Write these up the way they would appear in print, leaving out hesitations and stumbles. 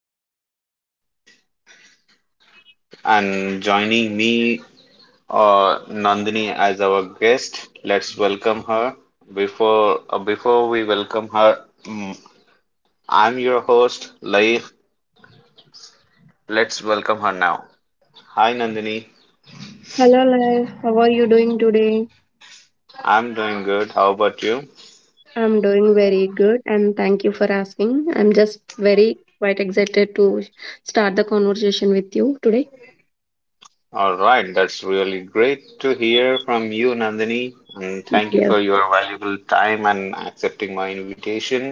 language and joining me, uh, Nandini as our guest. Let's welcome her. Before before we welcome her, mm, I'm your host, Laik. Let's welcome her now. Hi, Nandini. Hello, Life. How are you doing today? I'm doing good. How about you? I'm doing very good and thank you for asking. I'm just very quite excited to start the conversation with you today. All right, that's really great to hear from you, Nandini, and thank you Yes, for your valuable time and accepting my invitation.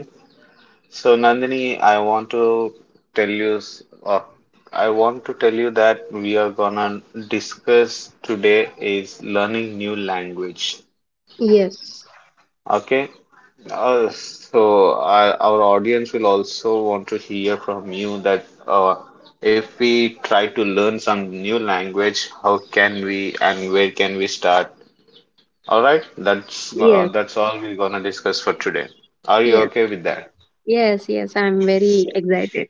So, Nandini, I want to tell you, I want to tell you that we are gonna discuss today is learning new language. yes, Okay, so our audience will also want to hear from you that if we try to learn some new language, how can we and where can we start? All right, yes, that's all we're gonna discuss for today. Are you yes, okay with that? yes, yes. I'm very excited.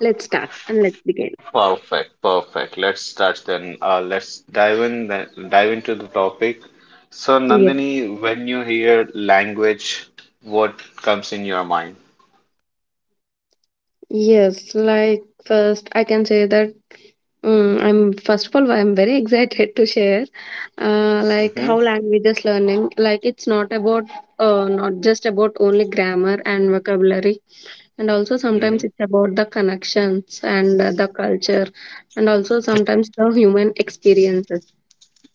Let's start and let's begin. Perfect, perfect. Let's start then. Let's dive in then, dive into the topic. So Yes, Nandini, when you hear language, what comes in your mind? yes. Like, first, I can say that I'm first of all, I'm very excited to share, like Mm-hmm. how languages learning, like it's not about, not just about only grammar and vocabulary, and also sometimes it's about the connections and the culture, and also sometimes the human experiences.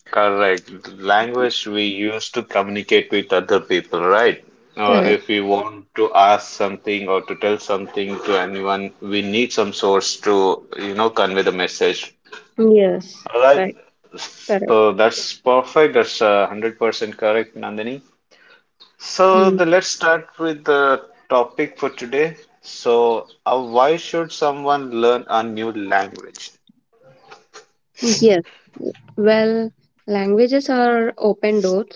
Correct. Language we use to communicate with other people, right? Correct. If we want to ask something or to tell something to anyone, we need some source to, you know, convey the message. Yes. All right. Right. Correct. So that's perfect. That's 100% correct, Nandini. So Mm. Let's start with the topic for today. So, why should someone learn a new language? Yes. Well, languages are open door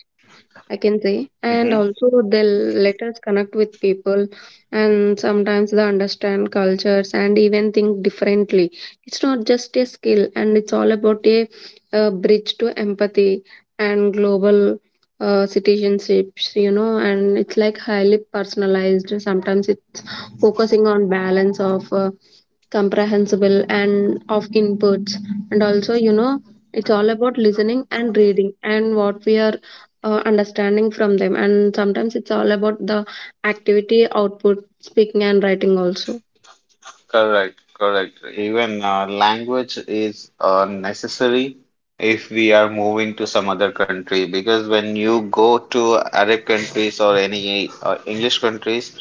I can say. And Mm-hmm. also, they'll let us connect with people, and sometimes they understand cultures and even think differently. It's not just a skill, and it's all about a bridge to empathy and global citizenships, you know. And it's like highly personalized. Sometimes it focusing on balance of comprehensible and of inputs, and also, you know, it's all about listening and reading and what we are understanding from them, and sometimes it's all about the activity output speaking and writing also. Correct, correct. Even language is necessary if we are moving to some other country because when you go to Arab countries or any English countries,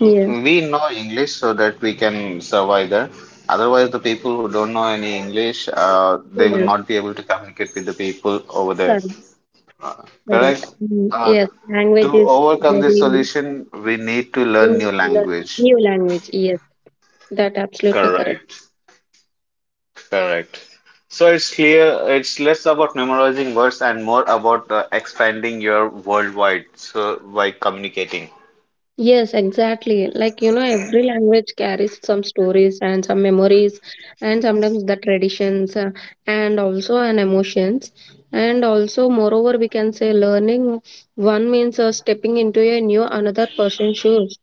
Yes. We know English so that we can survive there. Otherwise, the people who don't know any English, they will Yes. not be able to communicate with the people over there. Correct. Correct. Correct? Mm, Uh, yes. to Language is overcome this very. solution, we need to We learn need new to learn language. new language. Yes, that absolutely correct. Correct. Correct. So it's clear, it's less about memorizing words and more about expanding your worldwide. So by communicating. Yes, exactly. Like, you know, every language carries some stories and some memories, and sometimes the traditions and also an emotions. And also, moreover, we can say learning one means stepping into a new another person's shoes.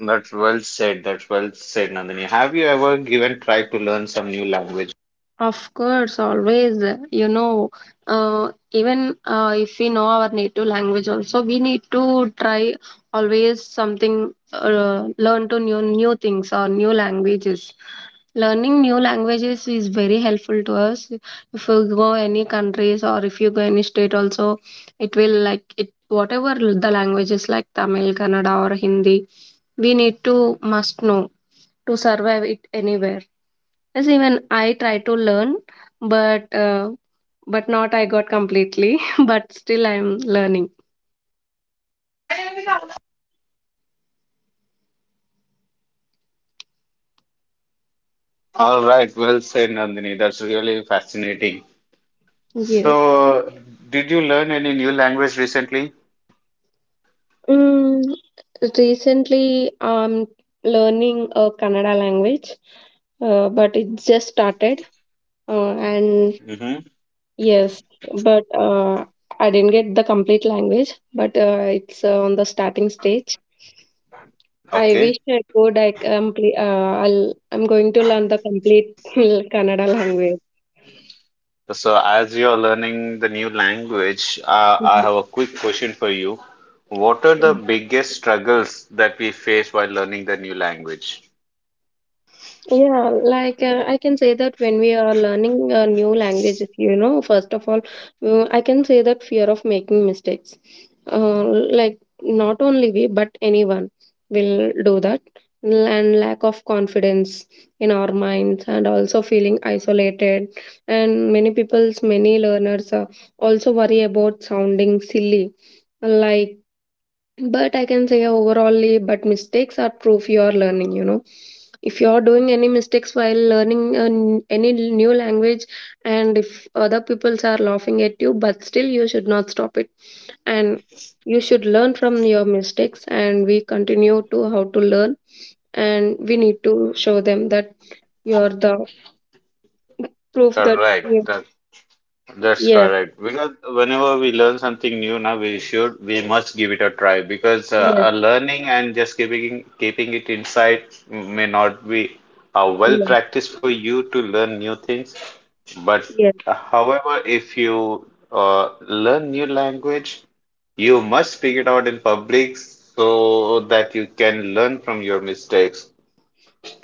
That's well said. That's well said, Nandini. Have you ever given try to learn some new language? Of course, always. You know, even if we know our native language, also we need to try always something, learn to new things or new languages. Learning new languages is very helpful to us. If you go any countries or if you go any state, also it will like it, whatever the languages like Tamil, Kannada, or Hindi, we need to must know to survive it anywhere. Yes, even I try to learn, but uh, but not I got completely. But still, I'm learning. All right, well said, Nandini. That's really fascinating. Yeah. So, did you learn any new language recently? Mm, recently, I'm learning a Kannada language, but it just started. And Mm-hmm. yes, but I didn't get the complete language, but it's on the starting stage. I Okay. wish I could. I complete. I'm going to learn the complete Kannada language. So, as you're learning the new language, I have a quick question for you. What are the biggest struggles that we face while learning the new language? Yeah, like I can say that when we are learning a new language, you know, first of all, I can say that fear of making mistakes. Like not only we, but anyone will do that. And lack of confidence in our minds, and also feeling isolated. And many people's, many learners also worry about sounding silly. Like, but I can say overallly, but mistakes are proof you are learning, you know. If you are doing any mistakes while learning an, any new language, and if other peoples are laughing at you, but still you should not stop it, and you should learn from your mistakes. And we continue to how to learn, and we need to show them that you're the proof that Correct. you. That's Yes, correct. Because whenever we learn something new now, we must give it a try because yes, learning and just keeping it inside may not be well yes, practiced for you to learn new things. But yes, however, if you learn new language, you must speak it out in public so that you can learn from your mistakes.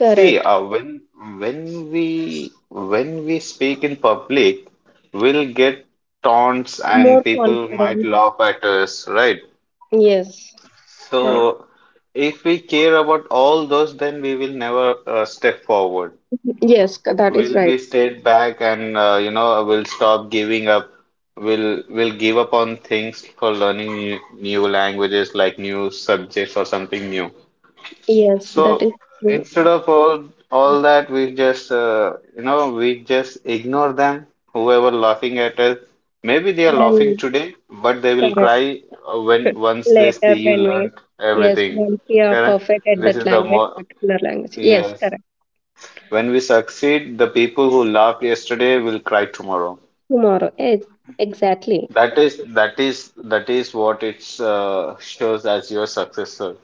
See, when we speak in public, we'll get taunts More and people might confident. laugh at us, right? Yes, right. So if we care about all those, then we will never step forward. Yes, that is Will right. we stayed back and you know will stop giving up. Will give up on things for learning new languages like new subjects or something new. Yes, that So is true instead of all that, we just you know we just ignore them. Whoever laughing at us, maybe they are laughing and today, but they will correct. cry when once they Later, see you when we, learned yes, everything. once we are Correct? perfect at This that is the language, more particular language. Yes, yes. correct. When we succeed, the people who laughed yesterday will cry tomorrow. Tomorrow. Yes, exactly. That is what it shows as your successor.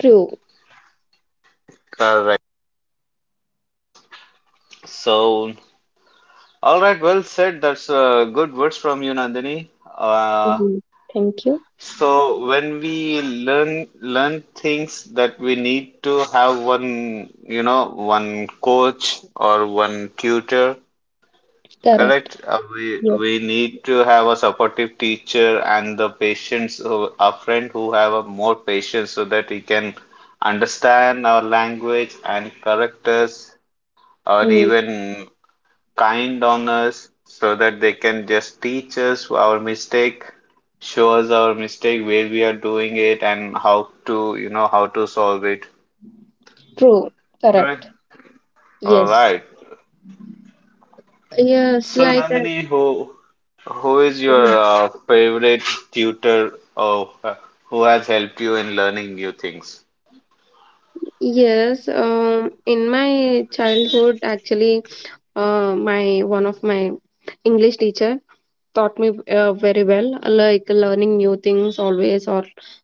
True. Correct. So, all right, well said. That's good words from you, Nandini. Uh, Mhm. Thank you. so when we learn learn things that we need to have one, you know, one coach or one tutor. Correct. Correct. Uh, we Yes. we need to have a supportive teacher and the patients, who, a friend who have a more patience so that he can understand our language and correct us or Mm. even kind on us so that they can just teach us our mistake, show us our mistake, where we are doing it and how to, you know, how to solve it. True. Correct. Correct. All Yes. right. Yes, So like Nandini, who is your favorite tutor or who has helped you in learning new things? yes. In my childhood, actually, my one of my English teacher taught me very well, like learning new things always, or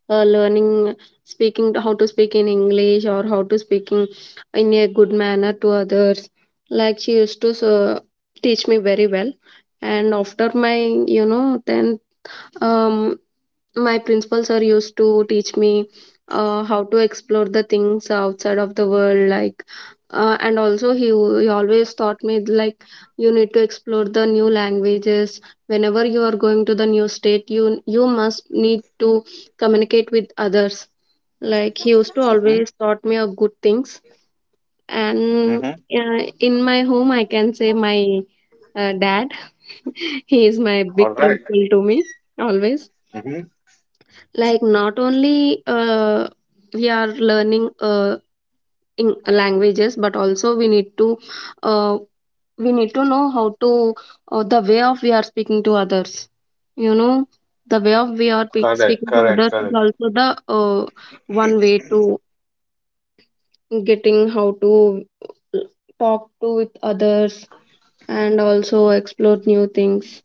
learning speaking, how to speak in English, or how to speaking in a good manner to others. Like, she used to teach me very well. And after my, you know, 10th, um my principal sir used to teach me how to explore the things outside of the world, like and also he always taught me like you need to explore the new languages. Whenever you are going to the new state, you must need to communicate with others. Like, he used to Mm-hmm. always taught me of good things. And Mm-hmm. In my home, I can say my dad, he is my All big right. principal to me always. Mm-hmm. Like, not only we are learning in languages, but also we need to uh, we need to know how to, the way of we are speaking to others, you know, the way of we are Correct. speaking to Correct. others is Correct. also the uh, one way to getting how to uh, talk to with others and also explore new things.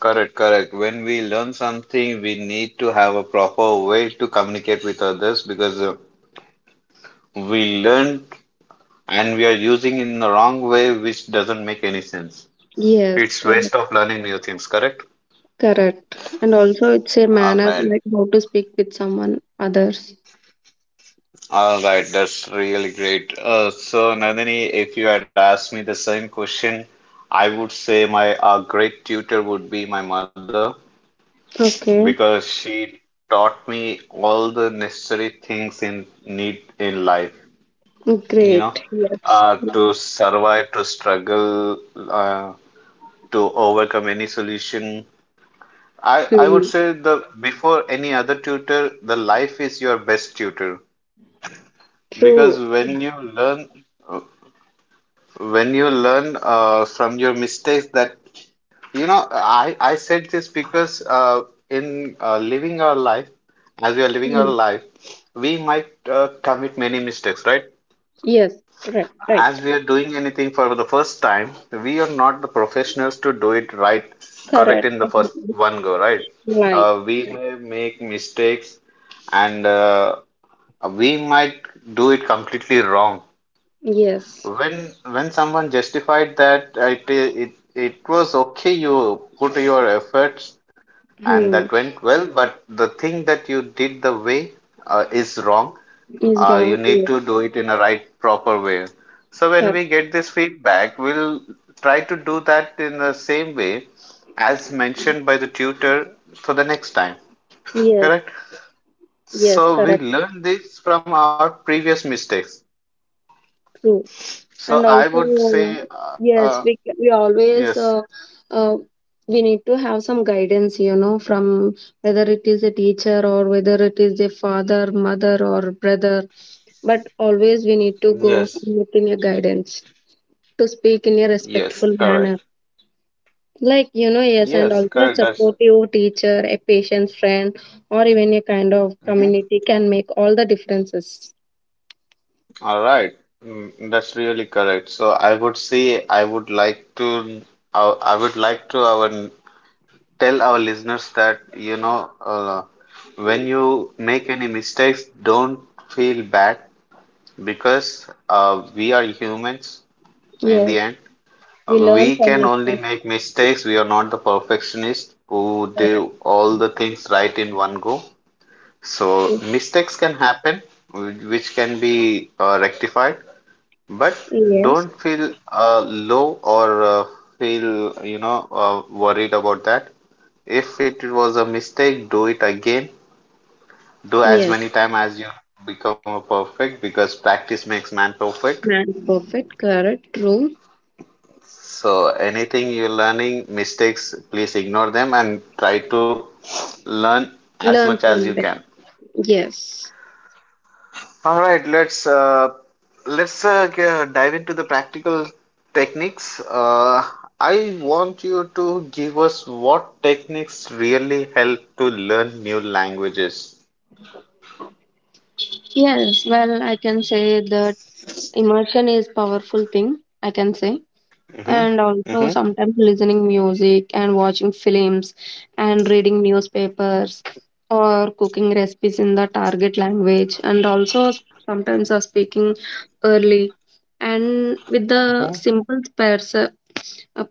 Correct. Correct. When we learn something, we need to have a proper way to communicate with others because we learn and we are using in the wrong way, which doesn't make any sense. Yes, It's waste correct. of learning new things. Correct. Correct. And also it's a All manner, right. like how to speak with someone others. All right, that's really great. So, Nandini, if you had asked me the same question, I would say my great tutor would be my mother Okay, because she taught me all the necessary things in need in life, you know, great. Yes. To survive, to struggle, uh, to overcome any solution. I would Hmm. say the before any other tutor, the life is your best tutor because True. When you learn from your mistakes that you know I said this because in living our life as we are living Hmm. our life, we might commit many mistakes, right? Yes, right, right. As we are doing anything for the first time, we are not the professionals to do it right, correct, Correct. in the first Mhm. one go, right? Right. We may make mistakes, and we might do it completely wrong. Yes. When someone justified that it was okay, you put your efforts and that Hmm. went well, but the thing that you did the way is wrong. Is You wrong. need Yes, to do it in a right proper way, so when correct. we get this feedback we'll try to do that in the same way as mentioned by the tutor for the next time, Yes, correct? So yes, we correct. learn this from our previous mistakes. True. So And I would say also, uh, yes, we yes. always uh, we need to have some guidance, you know, from, whether it is a teacher or whether it is a father, mother, or brother. But always we need to Yes, go with a guidance. To speak in a yes, respectful correct. manner, like, you know, yes, Yes, and also correct. a That's supportive teacher, a patient friend, or even a kind of mhm. community can make all the differences. All right. Mm, that's really correct. So I would say I would like to our tell our listeners that you know when you make any mistakes, don't feel bad because we are humans in Yes, the end. we learn We from can only mistakes. make mistakes. We are not the perfectionist who Correct. do all the things right in one go. So mistakes can happen, which can be rectified, but Yes. don't feel low or feel you know worried about that. If it was a mistake, do it again. Do as Yes, many time as you become a perfect because practice makes man perfect. man perfect. Correct. True. So anything you're learning, mistakes, please ignore them and try to learn as Learn much as from you them. can. Yes. All right, let's dive into the practical techniques. I want you to give us what techniques really help to learn new languages. Yes, well, I can say that immersion is powerful thing, I can say. Mm-hmm. And also Mm-hmm. sometimes listening music and watching films and reading newspapers or cooking recipes in the target language, and also sometimes are speaking early and with the Mm-hmm. simple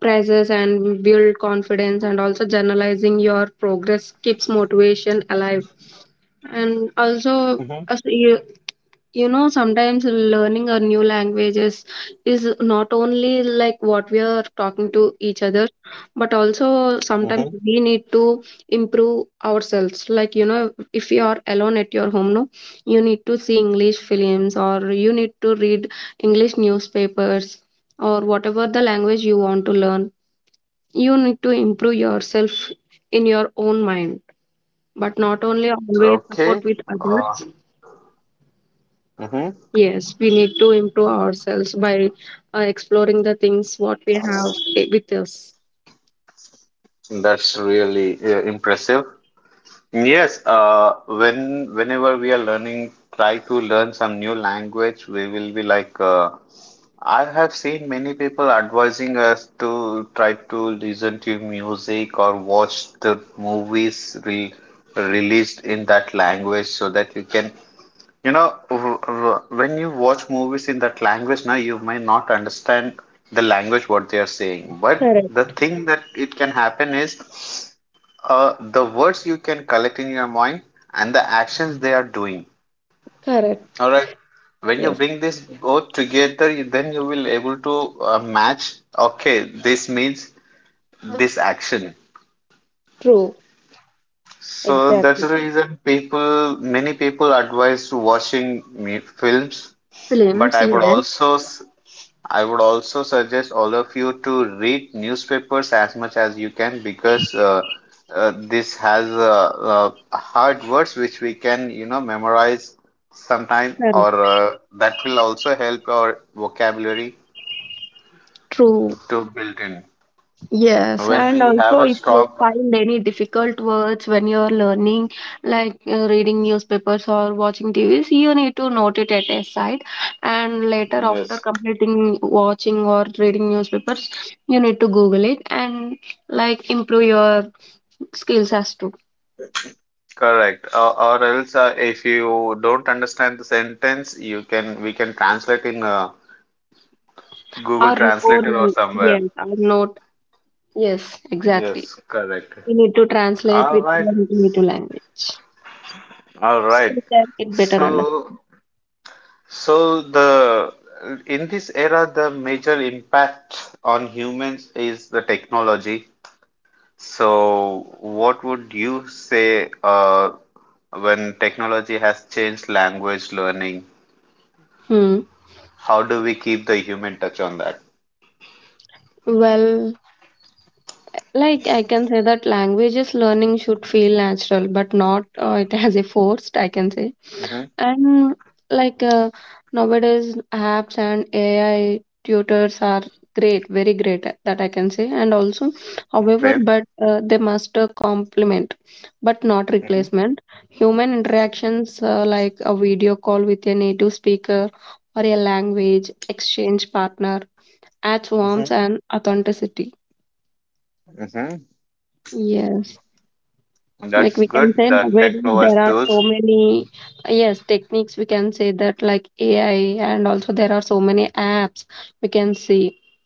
praises and build confidence, and also journalizing your progress keeps motivation alive. And Mm-hmm. also, as you, you know, sometimes learning a new languages is not only like what we are talking to each other, but also Mm-hmm. sometimes we need to improve ourselves, like, you know, if you are alone at your home, no, you need to see English films or you need to read English Yes, newspapers continue. or whatever the language you want to learn, you need to improve yourself in your own mind, All but right, not that's only always okay. support with Uh, others. Mm-hmm. Yes, we need to improve ourselves by exploring the things what we have with us. That's really impressive. Yes, whenever we are learning, try to learn some new language, we will be like I have seen many people advising us to try to listen to music or watch the movies re released in that language so that you can, you know, r r when you watch movies in that language now, you may not understand the language what they are saying. But the Correct. thing that it can happen is the words you can collect in your mind and the actions they are doing. Correct. All right. When you Yes. bring this both together, then you will able to match. Okay, this means this action. True. So that's the Exactly. reason people, many people advise to watching me films. But Films, I would yes, also I would also suggest all of you to read newspapers as much as you can because this has hard words which we can, you know, memorize sometime, or correct. That will also help our vocabulary True. to build in. Yes, When and we have also a if you strong find any difficult words when you're learning, like reading newspapers or watching TVs, you need to note it at a side. And later, after Yes. completing watching or reading newspapers, you need to Google it and like improve your skills as to, Correct. Or else, if you don't understand the sentence, you can we can translate in Google or or Translator or somewhere. yes or note. Yes, exactly. Yes. Correct. We need to translate All with right. the native language All so right. that it better So, understand. so the in this era, the major impact on humans is the technology. So, what would you say when technology has changed language learning? Hmm. How do we keep the human touch on that? Well, like I can say that languages learning should feel natural, but not it has a forced, I can say. And, like, nowadays apps and AI tutors are great, very great. That I can say. And also, however, Okay. but they must complement, but not replacement. Human interactions, like a video call with a native speaker or a language exchange partner, adds Mm-hmm. warmth and authenticity. Mm-hmm. Yes. Like, That's we can good. say The tech nowadays provides there are so tools. many, yes, techniques, we can say, that like AI, and also there are so many apps we can see.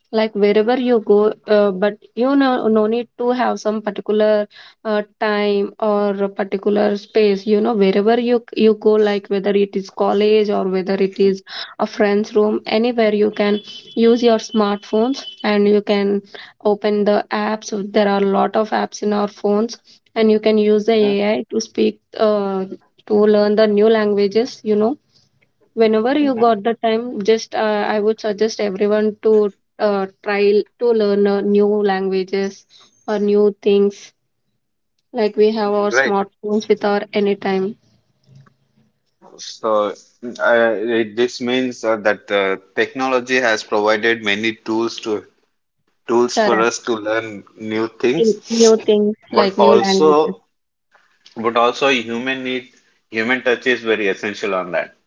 Like, wherever you go, but, you know, no need to have some particular time or a particular space. You know, wherever you go, like whether it is college or whether it is a friend's room, anywhere you can use your smartphones, and you can open the apps. There are a lot of apps in our phones, and you can use the Mm-hmm. AI to speak, to learn the new languages, you know. Whenever you Mm-hmm. got the time, just I would suggest everyone to try to learn new languages or new things, like we have our Great. smartphones with our anytime. So, this means that technology has provided many tools to tools for Correct. us to learn new things, New things, but like new languages. also, but also human need human touch is very essential on that.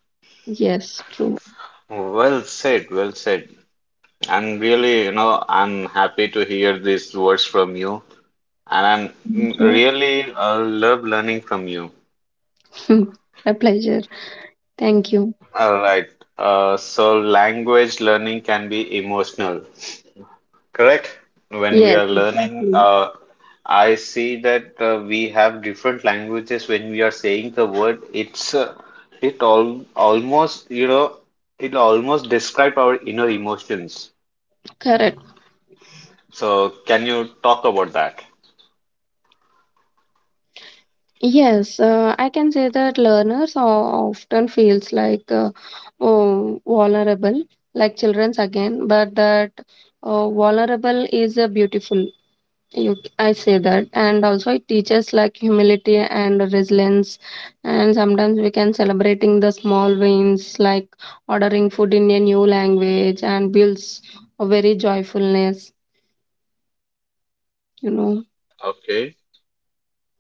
Yes, true. Well said, well said. I'm really, you know, I'm happy to hear these words from you, and I'm Thank really love learning from you. you. A pleasure. Thank you. All right. So language learning can be emotional. Correct. When we Yes, are learning, exactly. I see that we have different languages when we are saying the word. It's it all almost you know it almost describe our inner emotions. Correct. So can you talk about that? Yes, I can say that learners often feels like, oh, vulnerable, like childrens again, but that vulnerable is a beautiful. You, I say that, and also it teaches like humility and resilience. And sometimes we can celebrating the small wins, like ordering food in a new language, and builds a very joyfulness, you know. Okay,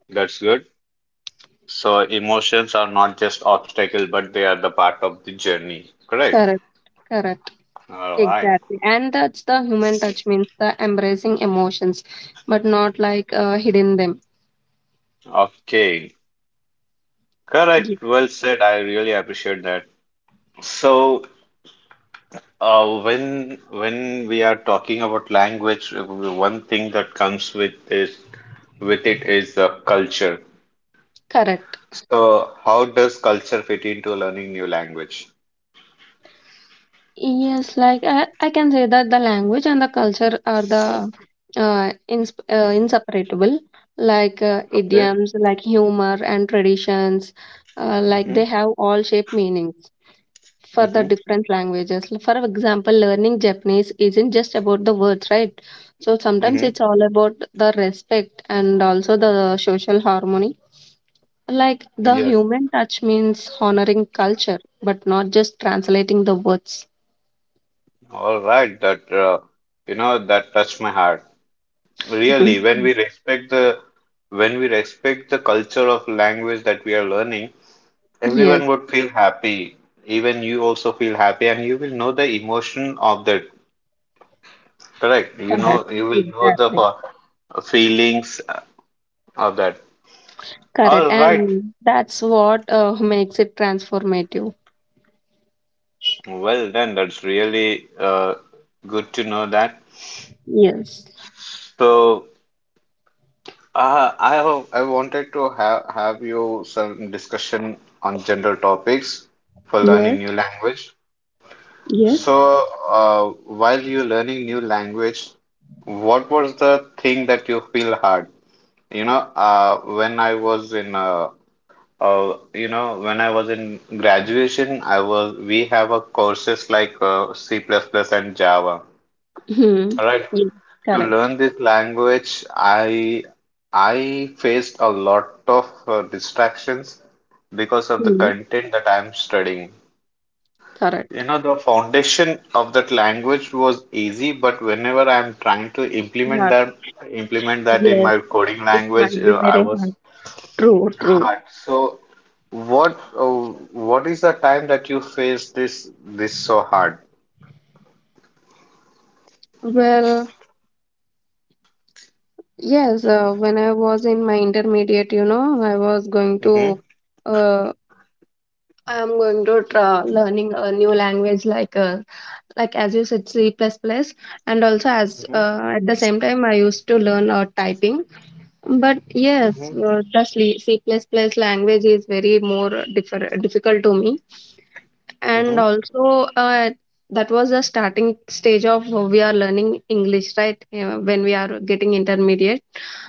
that's good. So emotions are not just obstacle, but they are the part of the journey. Correct. Correct, correct. All right. Exactly. And that's the human touch means the embracing emotions, but not like hidden them. Okay. Ye- Correct. Well said. I really appreciate that. So when we are talking about language, one thing that comes with it is the culture. Correct. So, how does culture fit into learning new language? Yes, like I can say that the language and the culture are the inseparable, like Okay. idioms, like humor and traditions, like Mm-hmm. they have all shape meanings for the Mm-hmm. different languages. For example, learning Japanese isn't just about the words, right? So sometimes Mm-hmm. it's all about the respect and also the social harmony. Like, the Yes. human touch means honoring culture, but not just translating the words. All right. That that touched my heart. Really, when Mhm. we respect the when we respect the culture of language that we are learning, Yes, everyone would feel happy. Even you also feel happy, and you will know the emotion of the correct. You correct. know, you will know the Exactly. Feelings of that. Correct. All right. And that's what makes it transformative. Well done. That's really good to know that. Yes. So, I wanted to have you some discussion on general topics for Yes. learning new language. Yes. So, uh, while you're learning new language, what was the thing that you feel hard? You know, uh, when I was in when I was in graduation, I was we have a courses like C++ plus plus and Java. Hmm. All right. Yes. To learn Correct. this language, I faced a lot of distractions because of the Hmm. content that I'm studying. You Correct. know, the foundation of that language was easy, but whenever I'm trying to Yeah. Implement that in Yes. my coding It language, might be I very was hard. True. hard. So what uh, what is the time that you face this so hard? Well, yes, when I was in my intermediate, you know, Mm-hmm. Uh, I'm going to try learning a new language like as you said C++ plus plus, and also as Mm-hmm. At the same time I used to learn typing. But yes, Mm-hmm. The C++ plus plus language is very more differ difficult to me. And Mm-hmm. also, that was the starting stage of we are learning English, right? When we are getting intermediate.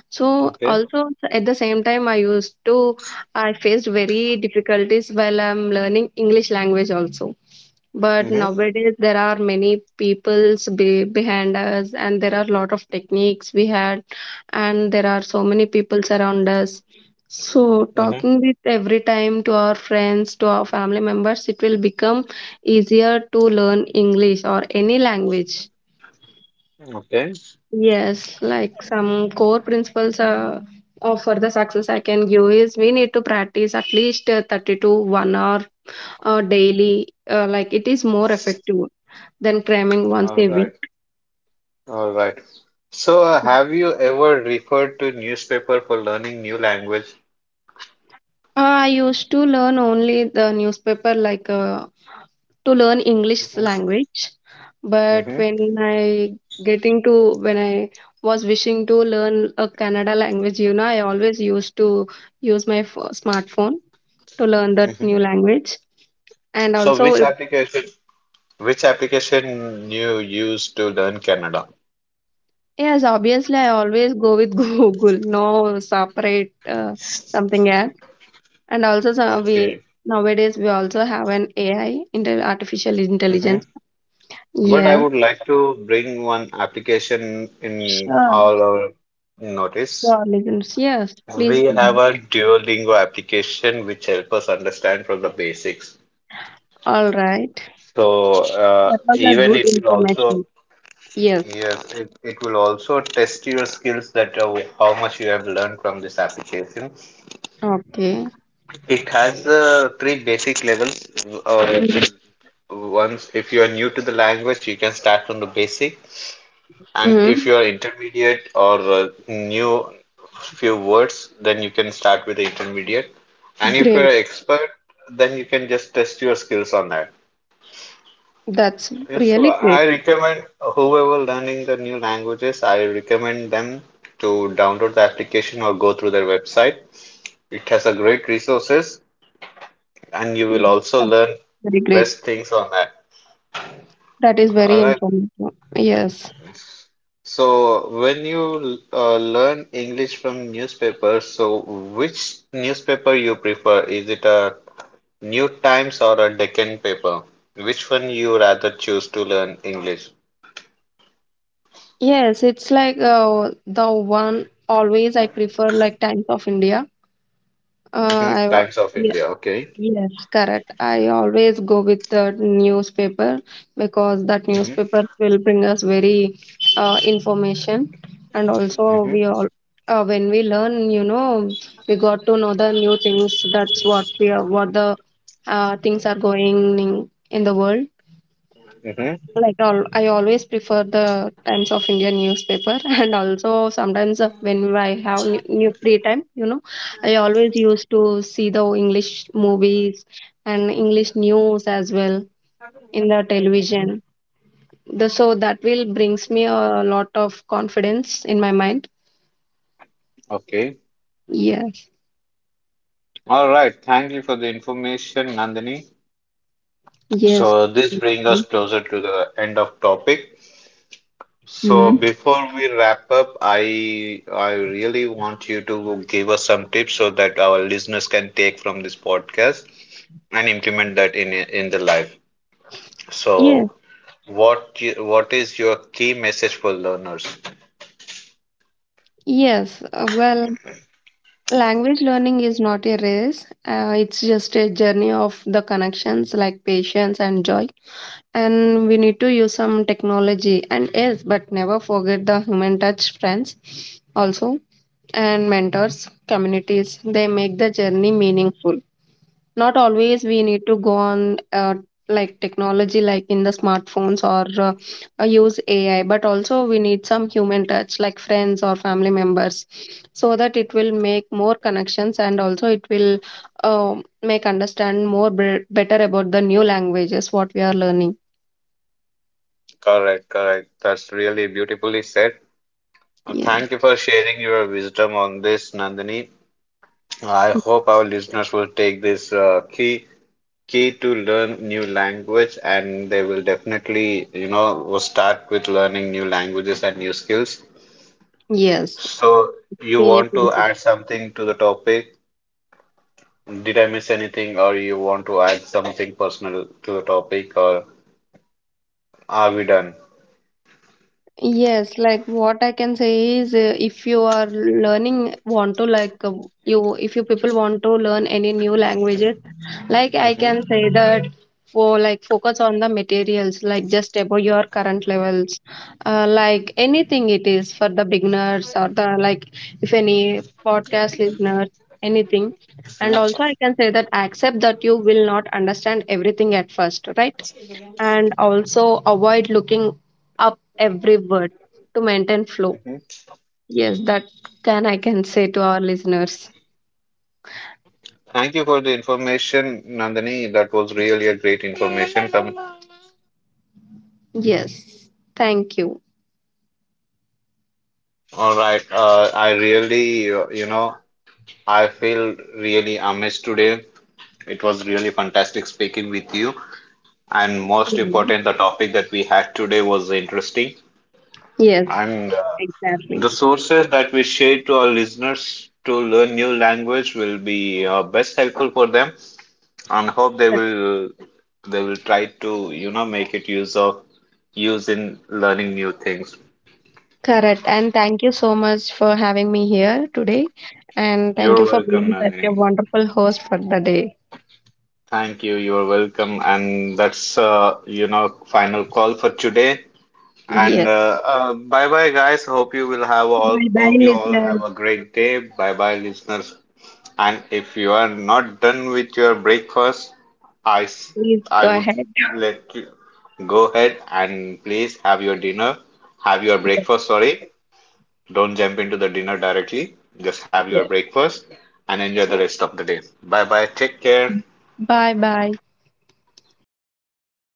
So Okay. also at the same time, I used to I faced very difficulties while I'm learning English language also, but Mm-hmm. nowadays there are many peoples behind us and there are a lot of techniques we had, and there are so many peoples around us, so Mm-hmm. talking with every time to our friends to our family members, it will become easier to learn English or any language. Okay. Yes, like some core principles, of for the success I can give is we need to practice at least 30 to 1 hour daily, like it is more effective than cramming once All a week. right. All right. So have you ever referred to newspaper for learning new language? I used to learn only the newspaper, like to learn English Mm-hmm. language. But Mm-hmm. when I was wishing to learn a Kannada language, you know, I always used to use my smartphone to learn that new Mm-hmm. language. And So also, if- which application you use to learn Canada? yes, obviously, I always go with Google, no separate something else. And also, so we Okay. nowadays we also have an AI, artificial intelligence. But I Yes, would like to bring one application in sure. all our notice. Sure, listeners. Yes, please We go have ahead. a Duolingo application which help us understand from the basics. All right. So That was a even good it will also information. Yes. yes, it will also test your skills that how much you have learned from this application. Okay. It has three basic levels. Uh, once if you are new to the language, you can start from the basic. And if Mm-hmm. you're intermediate or new few words, then you can start with the intermediate. And if you're Great. expert, then you can just test your skills on that. That's Yeah, so really great. I recommend whoever learning the new languages, I recommend them to download the application or go through their website. It has a great resources and you will Yes, also that's learn very great. best things on that. That is very All right. informative. Yes. So, when you learn English from newspapers, so which newspaper you prefer? Is it a New Times or a Deccan paper? Which one you rather choose to learn English? Yes, it's like the one always I prefer like Times of India. I Mhm, wa- Times of India. Okay. yes, correct. I always go with the newspaper because that Mhm, newspaper will bring us very information, and also mhm, we all when we learn, you know, we got to know the new things. That's what we are, what the things are going in the world, mhm, like all, I always prefer the Times of India newspaper. And also sometimes when I have new free time, you know, I always used to see the English movies and English news as well in the mhm. television. The, so that will brings me a lot of confidence in my mind. Okay. Yes. All right. Thank you for the information, Nandini. Yes. So this brings us closer to the end of topic. So Hmm. before we wrap up, I really want you to give us some tips so that our listeners can take from this podcast and implement that in the life. Yes, So what is your key message for learners? yes. Well, language learning is not a race. It's just a journey of the connections like patience and joy. And we need to use some technology, and yes, but never forget the human touch, friends. Also, and mentors, communities, they make the journey meaningful. Not always we need to go on like technology, like in the smartphones or use AI, but also we need some human touch like friends or family members, so that it will make more connections, and also it will, uh, make understand more better about the new languages what we are learning. Correct, correct. That's really beautifully said. Yeah. Thank you for sharing your wisdom on this, Nandini. I hope our listeners will take this key to learn new language and they will definitely will start with learning new languages and new skills. Yes, So you been a want to pleasure. add something to the topic? Did I miss anything or you want to add something personal to the topic, or are we done? Yes, like what I can say is, if you are learning, want to like you, if you people want to learn any new languages, like I Hmm. can say that for like focus on the materials, like just above your current levels, like anything it is for the beginners or the like, if any podcast listeners, anything, and also I can say that accept that you will not understand everything at first, right? And also avoid looking up every word to maintain flow. Hmm. Yes, that can I can say to our listeners. Thank you for the information, Nandini. That was really a great information. Come, Yes, thank you. all right. I I feel really amazed today. It was really fantastic speaking with you. And most Mhm. important, the topic that we had today was interesting. Yes, And the exactly. sources that we share to our listeners to learn new language will be best helpful for them, and hope Yeah. They will try to make it use of use in learning new things. Correct. And thank you so much for having me here today. And thank You're you for welcome, being such a Nandini. wonderful host for the day. Thank you. You're welcome. And that's final call for today. And Yes. Bye bye, guys. Hope you will have all. Bye bye, Hope you all have listeners. a great day. Bye bye, listeners. And if you are not done with your breakfast, I s- Please I go would ahead. let you go ahead and please have your dinner. Have your breakfast. Sorry, don't jump into the dinner directly. Just have Yes. your Yes. breakfast and enjoy the rest of the day. Bye bye. Take care. Bye bye.